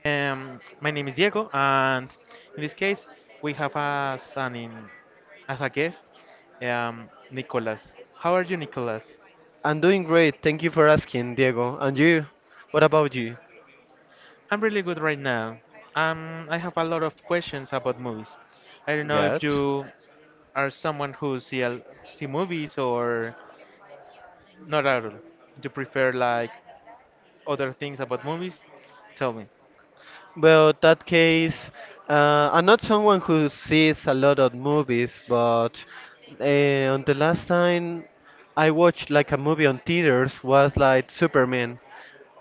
My name is Diego, and in this case, we have as as a guest, Nicolas. How are you, Nicolas? I'm doing great. Thank you for asking, Diego. And you? What about you? I'm really good right now. I have a lot of questions about movies. I don't know if Good. you are someone who see movies or not at all. You prefer like other things about movies? Tell me. Well, that case, I'm not someone who sees a lot of movies, but uh, on the last time I watched like a movie on theaters was like Superman.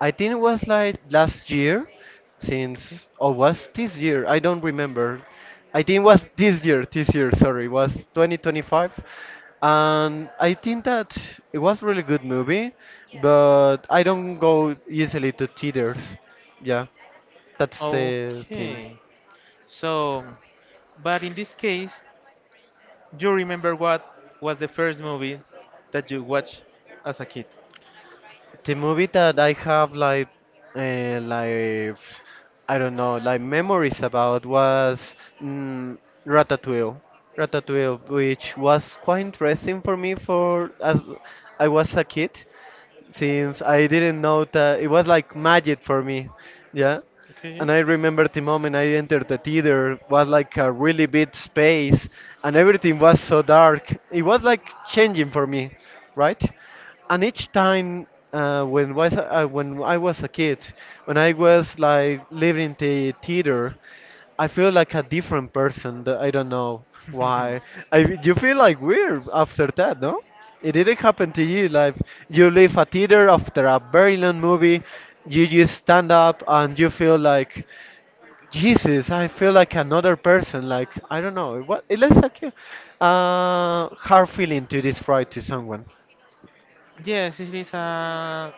I think it was like last year, Okay. since or was this year? I don't remember. I think it was this year. This year, sorry, was 2025, and I think that it was really good movie, but I don't go easily to theaters. Yeah. That's the thing. Okay. So, but in this case, you remember what was the first movie that you watched as a kid? The movie that I have like I don't know, like memories about was mm, Ratatouille. Ratatouille, which was quite interesting for me for as I was a kid, since I didn't know that it was like magic for me. Yeah. Okay. And I remember the moment I entered the theater was like a really big space and everything was so dark. It was like changing for me, right? And each time when was when I was a kid, when I was like living in the theater, I feel like a different person. That I don't know why. I you feel like weird after that, no? It didn't happen to you. Like you leave a theater after a very long movie, you just stand up and you feel like, Jesus, I feel like another person. Like I don't know. What it looks like a hard feeling to describe to someone. Yes, it is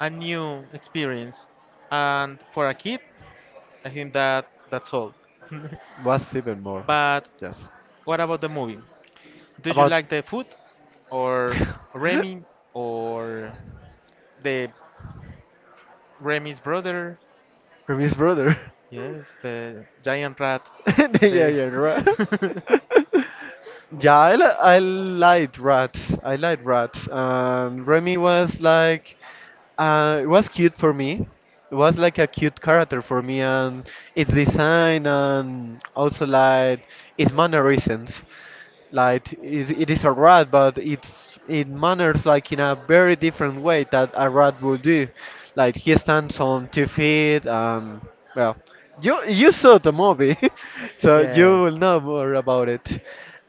a new experience, and for a kid, I think that that's all. What's even more, But yes, what about the movie? Do you about like the food, or Remy, or the Remy's brother? Remy's brother. Yes, the giant rat. Yeah, The yeah, right. yeah, I liked rats. I liked rats. Remy was like, it was cute for me. It was like a cute character for me, and its design, and also like its mannerisms. Like it is a rat, but it manners like in a very different way that a rat would do. Like he stands on two feet, and well, you saw the movie, so you will yes. know more about it.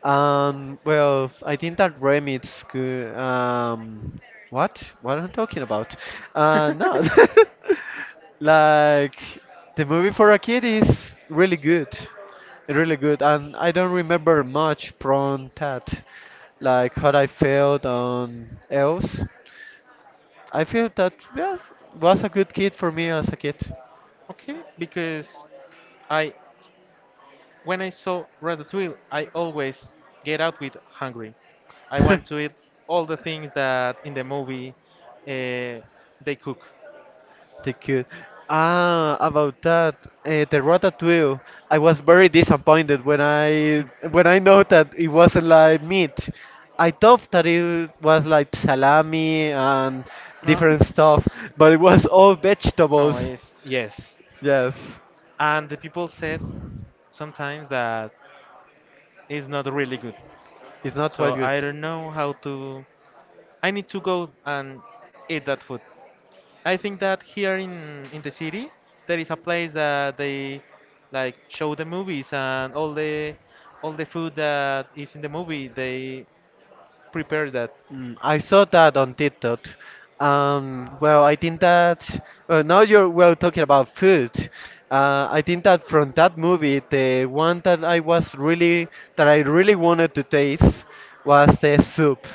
Well, I think that Remit's good. What? What am I talking about? No. Like the movie for a kid is really good really good. And I don't remember much from that, like how I felt on else. I feel that yeah, was a good kid for me as a kid. Okay, because I when I saw Ratatouille, I always get out with hungry. I the want to eat all the things that in the movie uh, they cook. kid. Ah, about that, the Ratatouille. I was very disappointed when I know that it wasn't like meat. I thought that it was like salami and No, different stuff, but it was all no, vegetables. it's yes. Yes, And the people said sometimes that it's not really good. it's not quite So good. I don't know how to I need to go and eat that food. I think that here in the city there is a place that they like show the movies and all the food that is in the movie they prepare that. I saw that on TikTok. Well, I think that well, now you're well talking about food. I think that from that movie, the one that I was really that I really wanted to taste was the soup.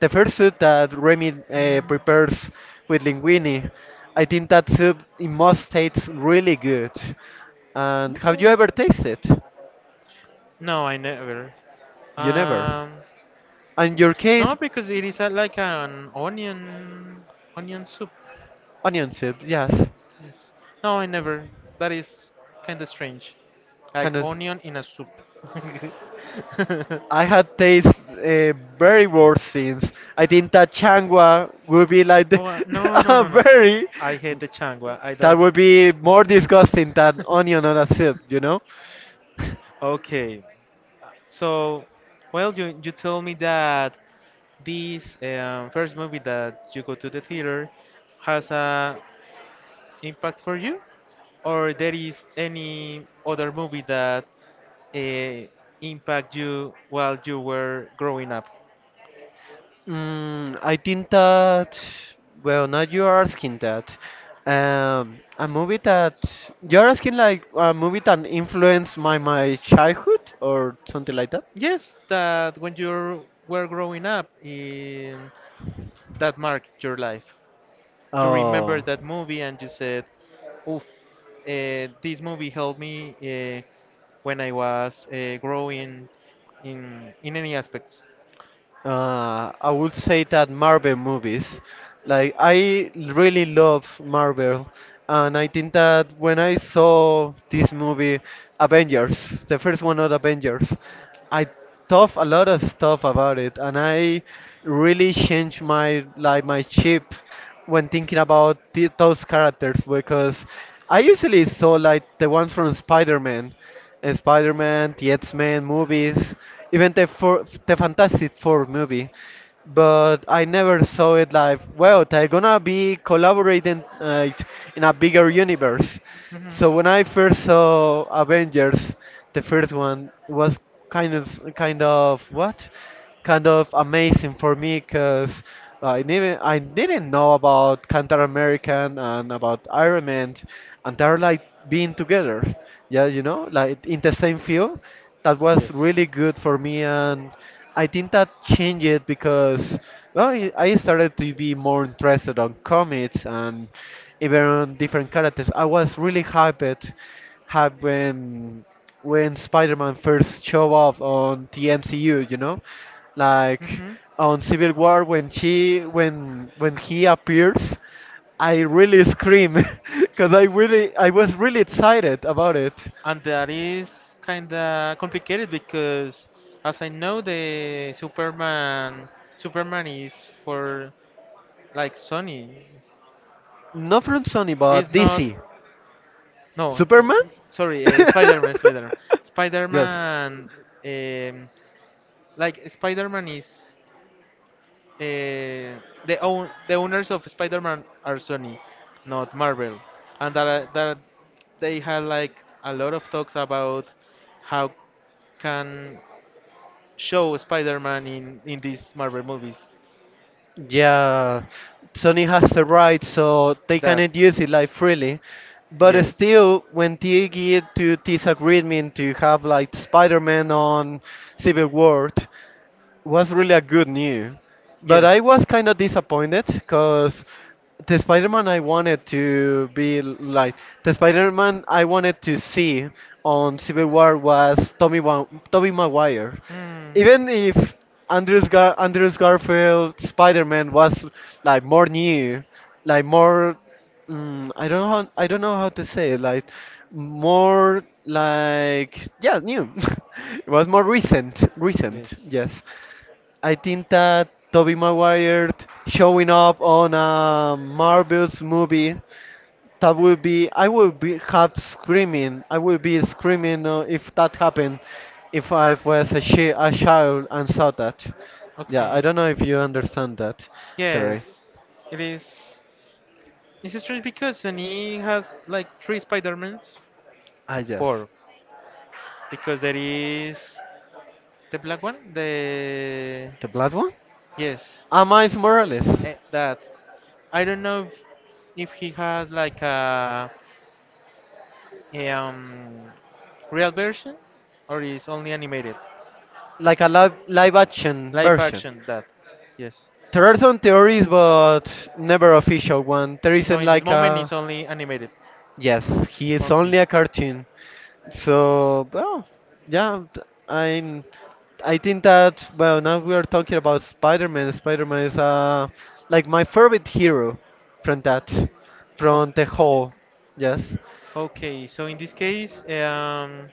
The first soup that Remy Mm. prepares with linguine. I think that soup it must taste really good. And have you Yeah. ever tasted? No, I never. You never. Um, In your no, case, because it is a, like an onion onion soup. onion soup, yes. Yes. No, I never. That is kind of strange. Like Kind of. onion in a soup. I had taste very worse things. I think that changua would be like the, Oh, no, no, a no, no. very I hate the changua. I that don't. would be more disgusting than onion on a soup, you know. Okay. So, well, you told me that this first movie that you go to the theater has a impact for you or there is any other movie that uh, impact you while you were growing up? I think that well, now you are asking that. A movie that you're asking like a movie that influenced my childhood or something like that. Yes, that when you were growing up, that marked your life you remember Oh. that movie and you said oof, this movie helped me when I was growing in any aspects. I would say that Marvel movies. Like I really love Marvel, and I think that when I saw this movie, Avengers, the first one of Avengers, I thought a lot of stuff about it, and I really changed my like my chip when thinking about the, those characters because I usually saw like the ones from Spider-Man. Spider Man, the X Men movies, even the, four, the Fantastic Four movie. But I never saw it like, well, they're gonna be collaborating in a bigger universe. Mhm. So when I first saw Avengers, the first one was kind of what? Kind of amazing for me because I didn't know about Captain American and about Iron Man, and they're like being together yeah, like in the same field, that was Yes. really good for me, and I think that changed it because well, I started to be more interested on comics and even on different characters. I was really hyped when Spider-Man first showed up on the MCU, like Hmm. on Civil War when she when he appears. I really scream because I was really excited about it. And that is kind of complicated because, as I know, the Superman Superman is for like Sony. Not from Sony, but It's not. DC. No, Superman? sorry, Spider-Man, Spider-Man, yes. Spider-Man. Um, like Spider-Man is the own the owners of Spider-Man are Sony, not Marvel, and that that they had like a lot of talks about how can show Spider-Man in these Marvel movies. Yeah, Sony has the right, so they That cannot use it like freely. But yes, still, when they get to this agreement to have like Spider-Man on Civil War, was really a good new. But I yes, was kind of disappointed because the Spider-Man I wanted to be like the Spider-Man I wanted to see on Civil War was Tobey Maguire. hmm, Even if Andrews Garfield Spider-Man was like more new, like more I don't know how to say it, like more like yeah new. It was more recent, recent, yes. yes. I think that Tobey Maguire showing up on a Marvel's movie, that would be I would be have screaming. I would be screaming if that happened, if I was a child and saw that. Yeah, I Okay. don't know if you understand that. Sorry. Yes, it is. It's strange because Sony has like three Spider-Mans. I just Four. Because there is the black one, the the blood one. yes, Ah, Miles Morales, eh, that. I don't know if he has like a, a um real version or is only animated. like a live action Live version. action that. Yes. There are some theories, but never official one. There So isn't in this like moment a. it's only animated. Yes, he is Okay. only a cartoon. So, well, yeah, I'm. I think that well, now we are talking about Spider-Man. Spider-Man is like my favorite hero from that, O- from the whole. Yes. okay, so in this case,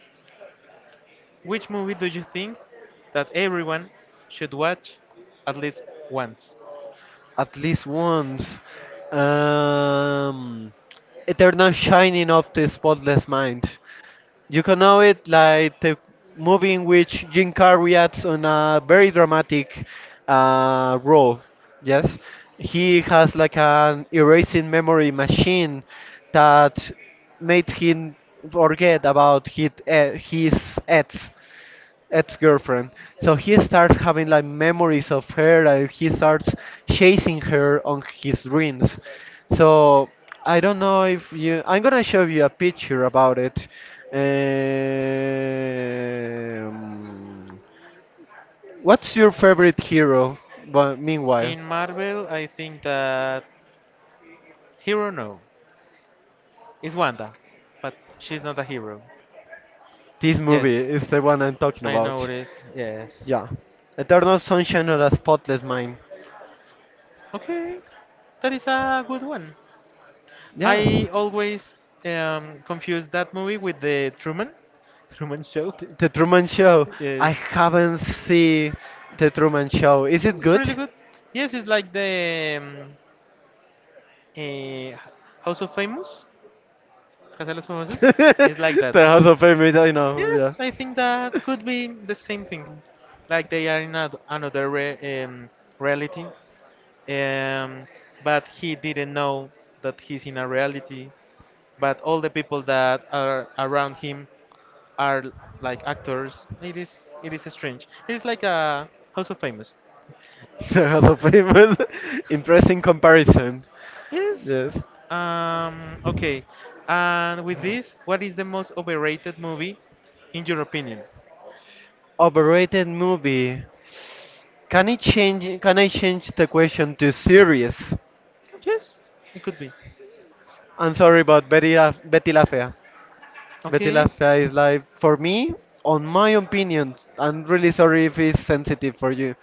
which movie do you think that everyone should watch at least once? At least once. Um, Eternal Shining of the Spotless Mind. You can know it like the movie in which Jim Carrey acts on a very dramatic role. Yes, he has like an erasing memory machine that made him forget about his ex ex-girlfriend. So Okay. he starts having like memories of her and he starts chasing her on his dreams. So I don't know if you I'm gonna show you a picture about it. Um, what's your favorite hero? But meanwhile, In Marvel, I think that hero no is Wanda, but she's not a hero. this movie Yes, is the one I'm talking I know about. it. Yes. Yeah. Eternal Sunshine of the Spotless Mind. Okay, that is a good one. Yes. I always confuse that movie with the Truman Truman Show. The Truman Show. I Yes, haven't seen The Truman Show. Is it it's really good? good. Yes, it's like the eh, House of Famous, Casa de los Famosos. The It's like that. House of Fame, I know, yeah. Yes, I think that could be the same thing. Like they are in a, another reality, um, but he didn't know that he's in a reality. But all the people that are around him are like actors. It is strange. It's like a House of Famous. The House of Fame interesting comparison. Yes. Yes. Okay. And with this, what is the most overrated movie, in your opinion? Overrated movie. Can it change? Can I change the question to series? Yes, it could be. I'm sorry, but Betty La Fea. Betty Okay. Lafia is like, for me, on my opinion, I'm really sorry if it's sensitive for you,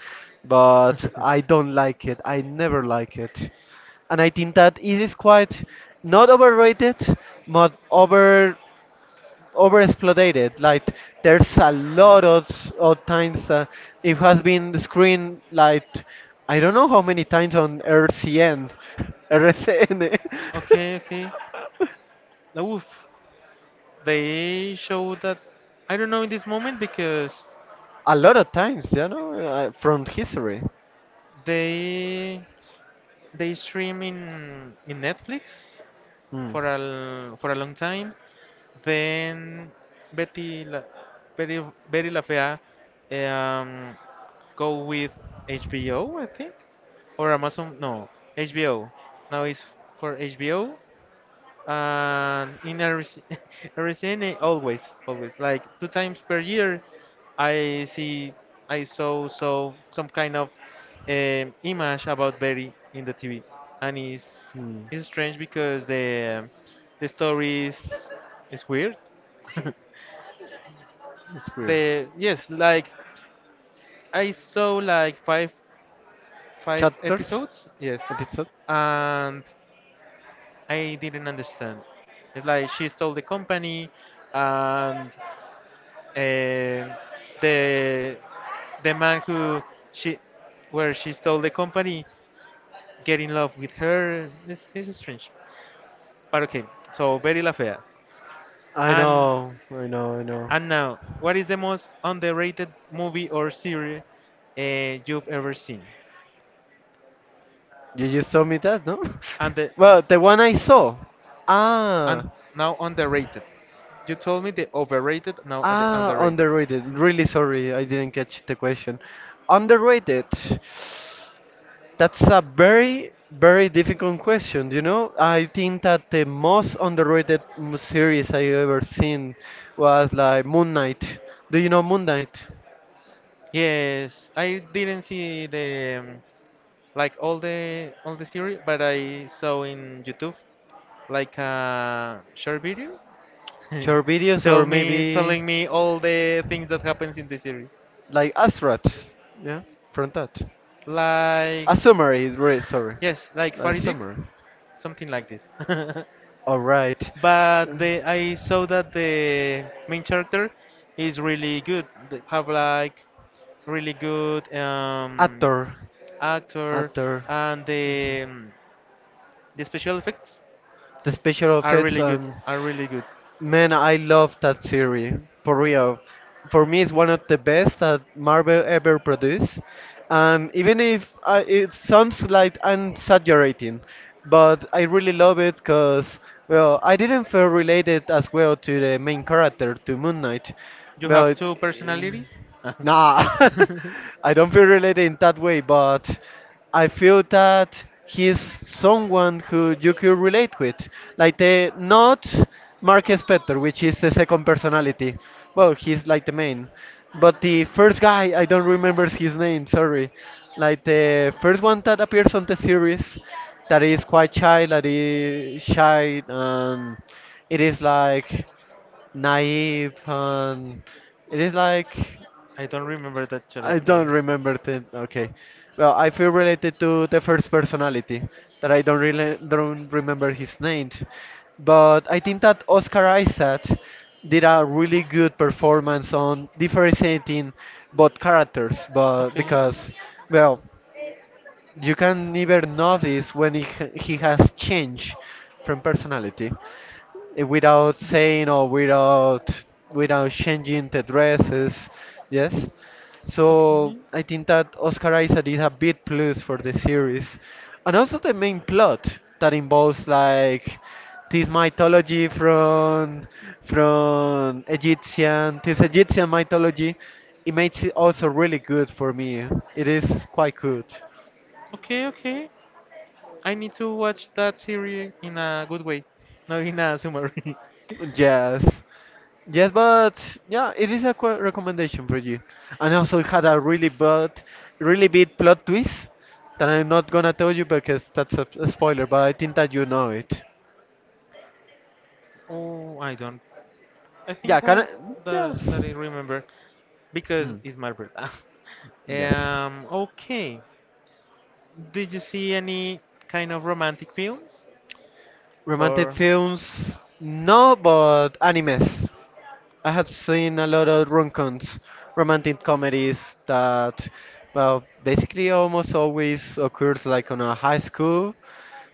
but I don't like it. I never like it. And I think that it is quite not overrated, but over exploited. Like there's a lot of times that it has been screened like I don't know how many times on RCN, RCN. Okay. Okay. Oof. They show that. I don't know in this moment because A lot of times, from history. they they stream in Netflix Hmm. For a long time. Then Betty La, Betty, Betty La Fea, um, go with HBO, I think, or Amazon. No, HBO. Now it's for HBO and in Arizona, always, always, like two times per year, I see, I saw some kind of image about Berry in the TV, and Hmm. it's strange because the story is weird. It's weird. The yes, like I saw like five five Chapters, episodes, yes, episode. and I didn't understand. It's like she stole the company, and uh, the the man who she where she stole the company get in love with her. This is strange, but okay. So very la fea. I and know, I know, I know. and now what is the most underrated movie or series you've ever seen? You just told me that, no? And the well, the one I saw. and Ah, now underrated you told me the overrated, now the ah, underrated. underrated. Really sorry, I didn't catch the question. Underrated. That's a very, very difficult question. You know, I think that the most underrated series I ever seen was like Moon Knight. Do you know Moon Knight? Yes, I didn't see the like all the series, but I saw in YouTube like a short video, Short videos or tell me maybe telling me all the things that happens in the series. like Astrats? Yeah, from that. Like A summary, sorry. yes, like A Faraday, summary. something like this. All right. Uh, But the I saw that the main character is really good. They have like really good Actor. actor Actor. and Okay. The special effects The special are effects really good. and Are really good. man, I love that series for real. For me, it's one of the best that Marvel ever produced, and even if I, it sounds like I'm exaggerating, but I really love it because well, I didn't feel related as well to the main character to Moon Knight, You have but. two personalities? I Nah, I don't feel related in that way, but I feel that he's someone who you could relate with. Like the not Marcus Petter, which is the second personality. Well, he's like the main. But the first guy, I don't remember his name, sorry. Like the first one that appears on the series, that is quite shy, that is shy, and it is like naive and it is like don't remember that I don't character. remember the okay. Well, I feel related to the first personality that I don't really don't remember his name, but I think that Oscar Isaac did a really good performance on differentiating both characters, but Okay. because well. You can never notice when he has changed from personality without saying or without changing the dresses. Yes. Okay. So I think that Oscar Isaac is a big plus for the series, and also the main plot that involves like this mythology from Egyptian this Egyptian mythology. It makes it also really good for me. It is quite good. Okay, okay. I need to watch that series in a good way, not in a summary. Yes. Yes, but yeah, it is a qu recommendation for you. And also, it had a really bad, really big plot twist that I'm not gonna tell you because that's a spoiler, but I think that you know it. Oh, I don't I Yeah, think can I? that that that Yes. I remember because Hmm, it's my birthday. yes. Okay. Did you see any kind of romantic films Romantic or? films? No, but animes. I have seen a lot of rom-coms, romantic comedies that, well, basically almost always occurs like on a high school,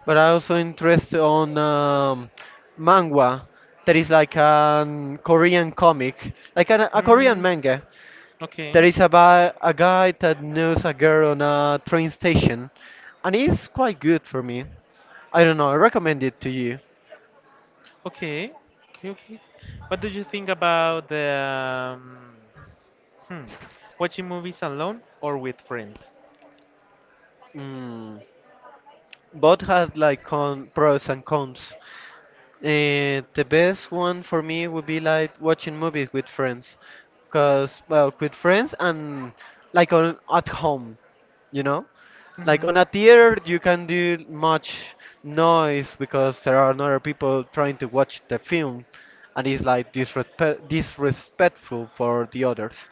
but I also interest on manhwa, that is like a Korean comic, like a Korean Mm, manga. There okay. is about a guy that knows a girl on a train station, and it's quite good for me. I don't know, I recommend it to you. Okay, okay, okay. What do you think about the um, hmm, watching movies alone or with friends? Mm. Both has like con pros and cons. The best one for me would be like watching movies with friends, cause well, with friends and like on at home, you know, like Hmm. on a theater you can do much noise because there are other people trying to watch the film, and it's like disrespectful for the others.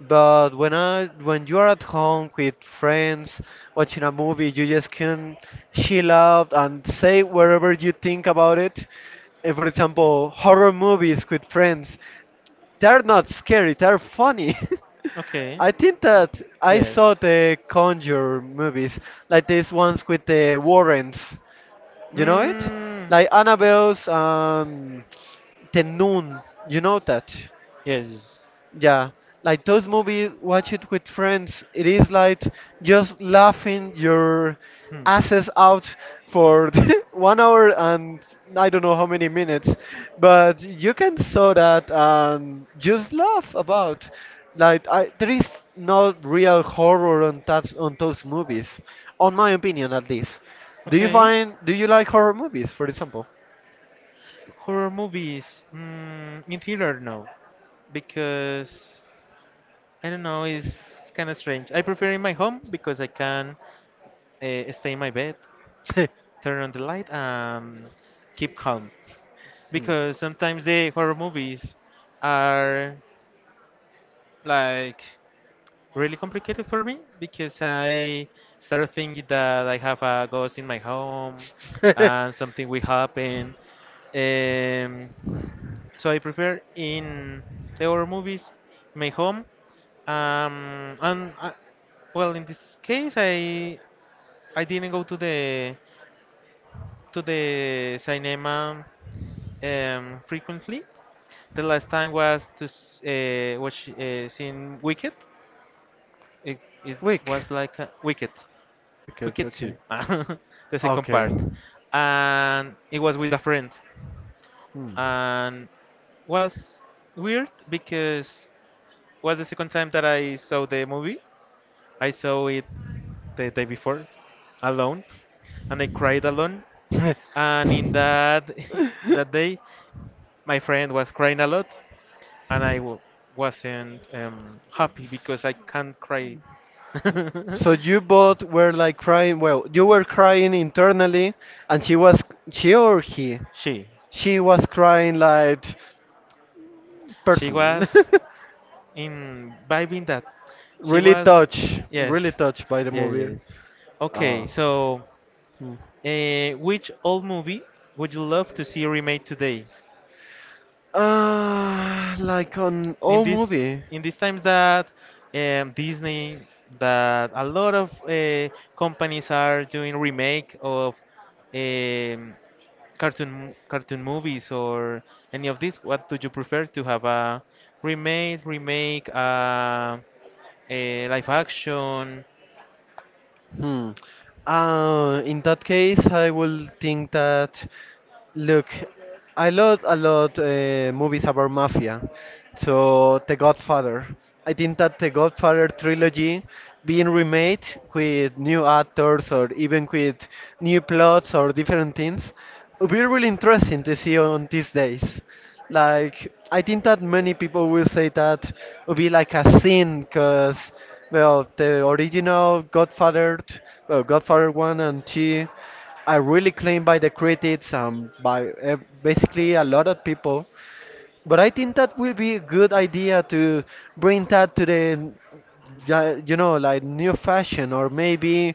But when you are at home with friends watching a movie, you just can chill out and say whatever you think about it. For example, horror movies with friends, they're not scary, they're funny. Okay. I think that I Yes. saw the Conjure movies, like these ones with the Warrens. You know it? Hmm. Like Annabelle's and The Nun. You know that? Yes. Yeah, like those movies, watch it with friends. It is like just laughing your asses out for 1 hour and I don't know how many minutes, but you can saw that and just laugh about. There is no real horror on that on those movies, on my opinion at least. Okay. Do you like horror movies, for example? Horror movies, mm, in theater, no, because I don't know, it's kind of strange. I prefer in my home because I can stay in my bed, Hmm. turn on the light, and keep calm. Because sometimes the horror movies are like really complicated for me because I start thinking that I have a ghost in my home and something will happen. Um, so I prefer in the horror movies my home. And well, in this case, I didn't go to the cinema frequently. The last time was to watch seen Wicked. It Week. was like a, Wicked, Because Wicked Two, okay. the second Okay. part, and it was with a friend, Hmm. and was weird because was the second time that I saw the movie. I saw it the day before, alone, and I cried alone. And in that in that day, my friend was crying a lot, and wasn't happy because I can't cry. So you both were like crying. Well, you were crying internally, and she was she or he? She, She was crying like she personally. was imbibing that. She Really was, touched, really yes, touched by the yes, movie. yes. Uh, Okay, so hmm. Which old movie would you love to see remade today? Like on In all this movie. in these times that Disney that a lot of companies are doing remake of um, cartoon cartoon movies or any of these, what do you prefer to have a remake, a live action? Hmm. In that case, I will think that, look, I love a lot movies about mafia. So, The Godfather. I think that The Godfather trilogy being remade with new actors or even with new plots or different things would be really interesting to see on these days. Like, I think that many people will say that would be like a sin because. Well, the original Godfather, well, Godfather 1 and 2 are really claimed by the critics and by basically a lot of people. But I think that will be a good idea to bring that to the, you know, like new fashion or maybe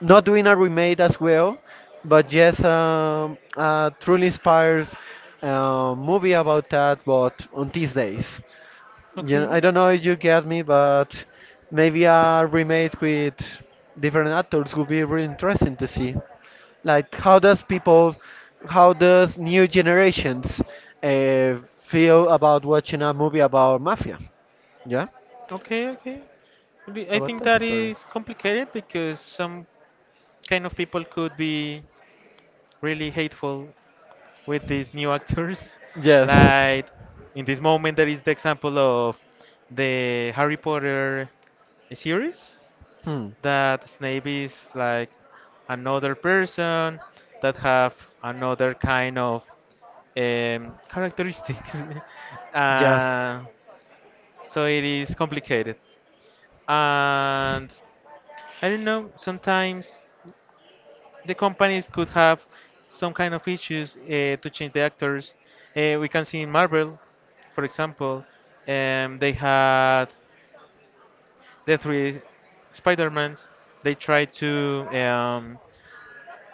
not doing a remake as well, but just a truly inspired movie about that, but on these days. Yeah, Okay. I don't know if you get me, but maybe a remake with different actors would be really interesting to see. Like, how does people, how does new generations uh, feel about watching a movie about mafia? Yeah, Okay, okay. Maybe I about think that that story. is complicated because some kind of people could be really hateful with these new actors. Yes. Like in this moment, there is the example of the Harry Potter series Hmm. that Snape is like another person that have another kind of characteristics. Yes. uh, so it is complicated. And I don't know, sometimes the companies could have some kind of issues to change the actors. We can see in Marvel, for example, they had the three Spider-Mans. They tried to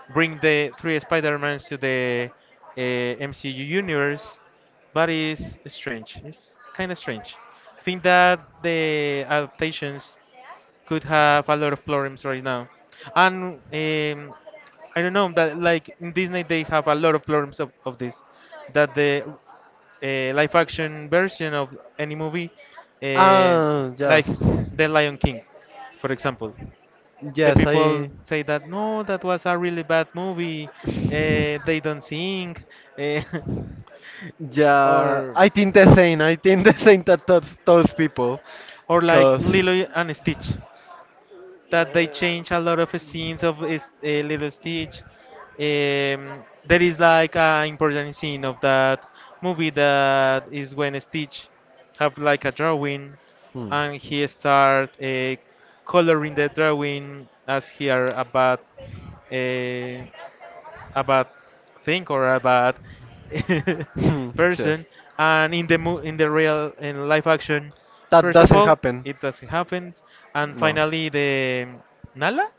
bring the three Spider-Mans to the MCU universe, but it's strange. It's kind of strange. I think that the adaptations could have a lot of problems right now. And I don't know that like in Disney they have a lot of problems of this, that the live action version of any movie, uh, Ah, yes. like The Lion King, for example, the Yes, people I. say that no, that was a really bad movie. They don't sing, uh, Yeah, or I think the same. I think the same that those people, or like cause. Lilo and Stitch that they change a lot of scenes of Little Stitch. There is like an important scene of that movie that is when Stitch have like a drawing Hmm. Hmm. and he start coloring the drawing as he are uh, a bad thing or a bad Yes. person, and in the in the real in live action That first of doesn't all happen. it doesn't happen, and No. finally the nala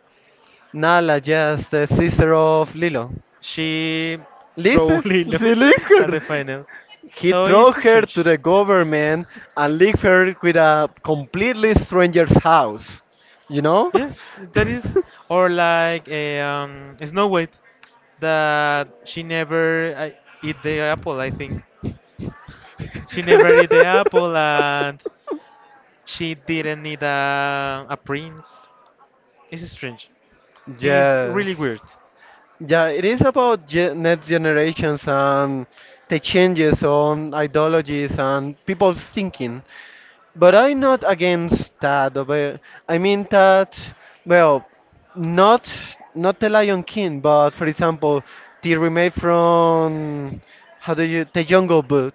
Nala, yes, the sister of Lilo. she Leave her. probably no She leave at her. the final, He so throw it's her to strange. the government and leave her with a completely stranger's house. You know? Yes, that is, or like a Snow White that she never eat the apple, I think. She never ate the apple and she didn't need a prince. It's strange. I think it's really Yes. weird. Yeah, it is about next generations and the changes on ideologies and people's thinking. But I'm not against that. But I mean that, well, not not the Lion King, but for example, the remake from how do you the Jungle Book.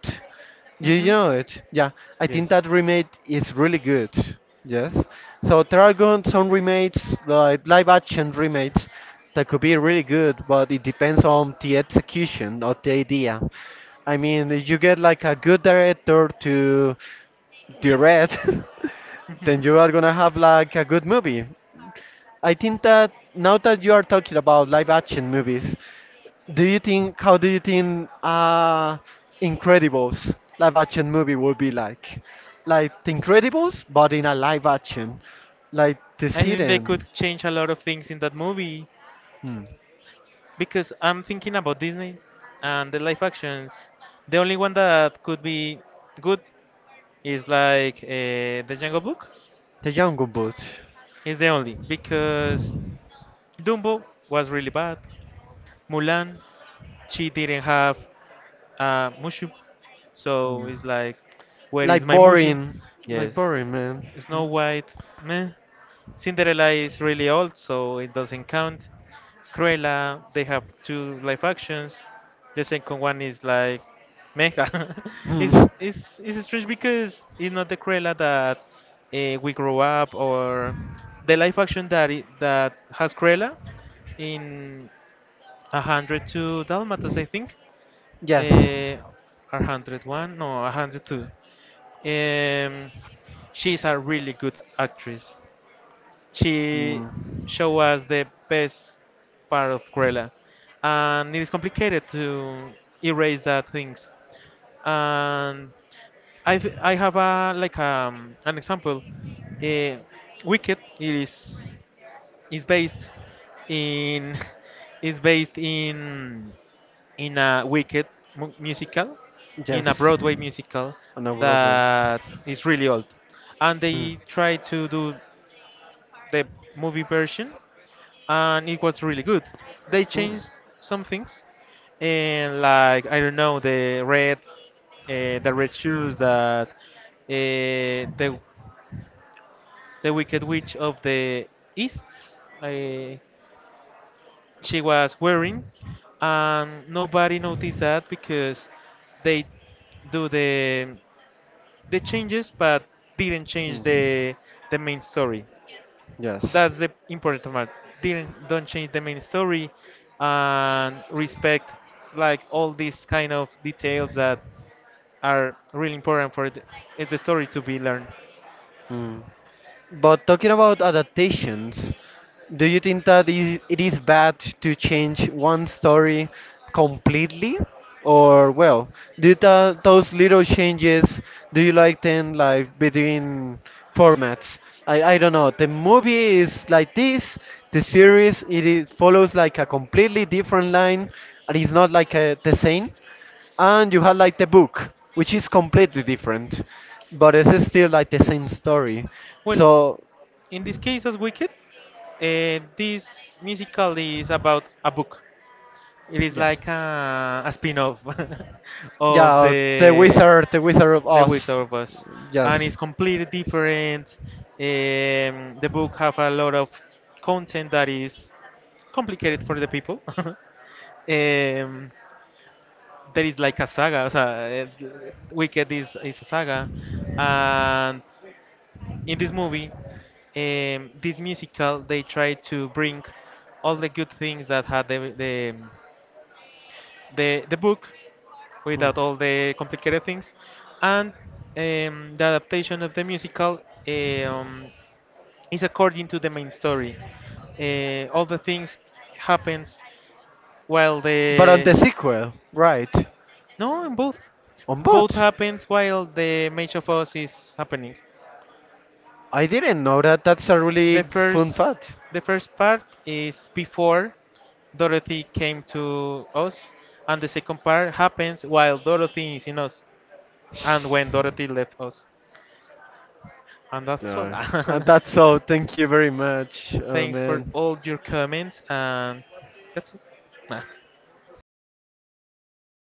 Hmm. You know it, yeah. I think Yes. that remake is really good. Yes. So there are going some remakes, like live action remakes, that could be really good, but it depends on the execution of the idea. I mean, if you get like a good director to the red, Hmm. then you are gonna have like a good movie. I think that now that you are talking about live action movies, do you think how do you think Incredibles live action movie would be like? Like the Incredibles but in a live action. Like the I think they Siren. could change a lot of things in that movie Hmm. because I'm thinking about Disney and the live actions. The only one that could be good is like the Jungle Book. The Jungle Book. It's the only because Dumbo was really bad. Mulan, she didn't have Mushu, so Hmm. it's like, where is Like my Mushu? boring. Like Yes. boring, man. Snow White, meh. Cinderella is really old, so it doesn't count. Cruella. They have two live actions. The second one is like Mega. Hmm. It's, it's strange because it's not the Cruella that we grow up or the live action that I that has Cruella in 102 Dalmatas, I think. Yes. Uh, 101? No, 102. Um, she's a really good actress. She Mm. showed us the best part of Cruella, and it is complicated to erase that things. And I have a like an example. Uh, Wicked it is based in is based in a Wicked musical, in a Yes. Broadway musical On a uh, that is really old, and hmm. they try to do the movie version and it was really good. They Hmm. changed some things, and like I don't know the red shoes that the the Wicked Witch of the East, she was wearing, and nobody noticed that because they do the changes but didn't change Mm. The main story. Yes. That's the important part. Didn't don't change the main story and respect like all these kind of details that are really important for the, the story to be learned. Mm. But talking about adaptations, do you think that is, it is bad to change one story completely? Or, well, those little changes, do you like them like between formats? I don't know. The movie is like this, the series, it is, follows like a completely different line, and it's not like the same and you had like the book, which is completely different, but it's still like the same story. Well, So in this case as Wicked, this musical is about a book. It is yes, like a spin-off of yeah, the Wizard of the Oz, Wizard of Oz, and yes. it's completely different. The book have a lot of content that is complicated for the people. There is like a saga. So, Wicked is a saga, and in this movie, this musical, they try to bring all the good things that had the book Hmm. without all the complicated things. And the adaptation of the musical um, is according to the main story. All the things happens while But on the the sequel, right? no, in both. On Both both. happens while the Mage of Oz is happening. I didn't know that. That's a really The fun first, fact. the first part is before Dorothy came to Oz, and the second part happens while Dorothy is in Oz, and when Dorothy left Oz. And that's all. Yeah. And that's all. Thank you very much, Thanks for man. all your comments, and that's all.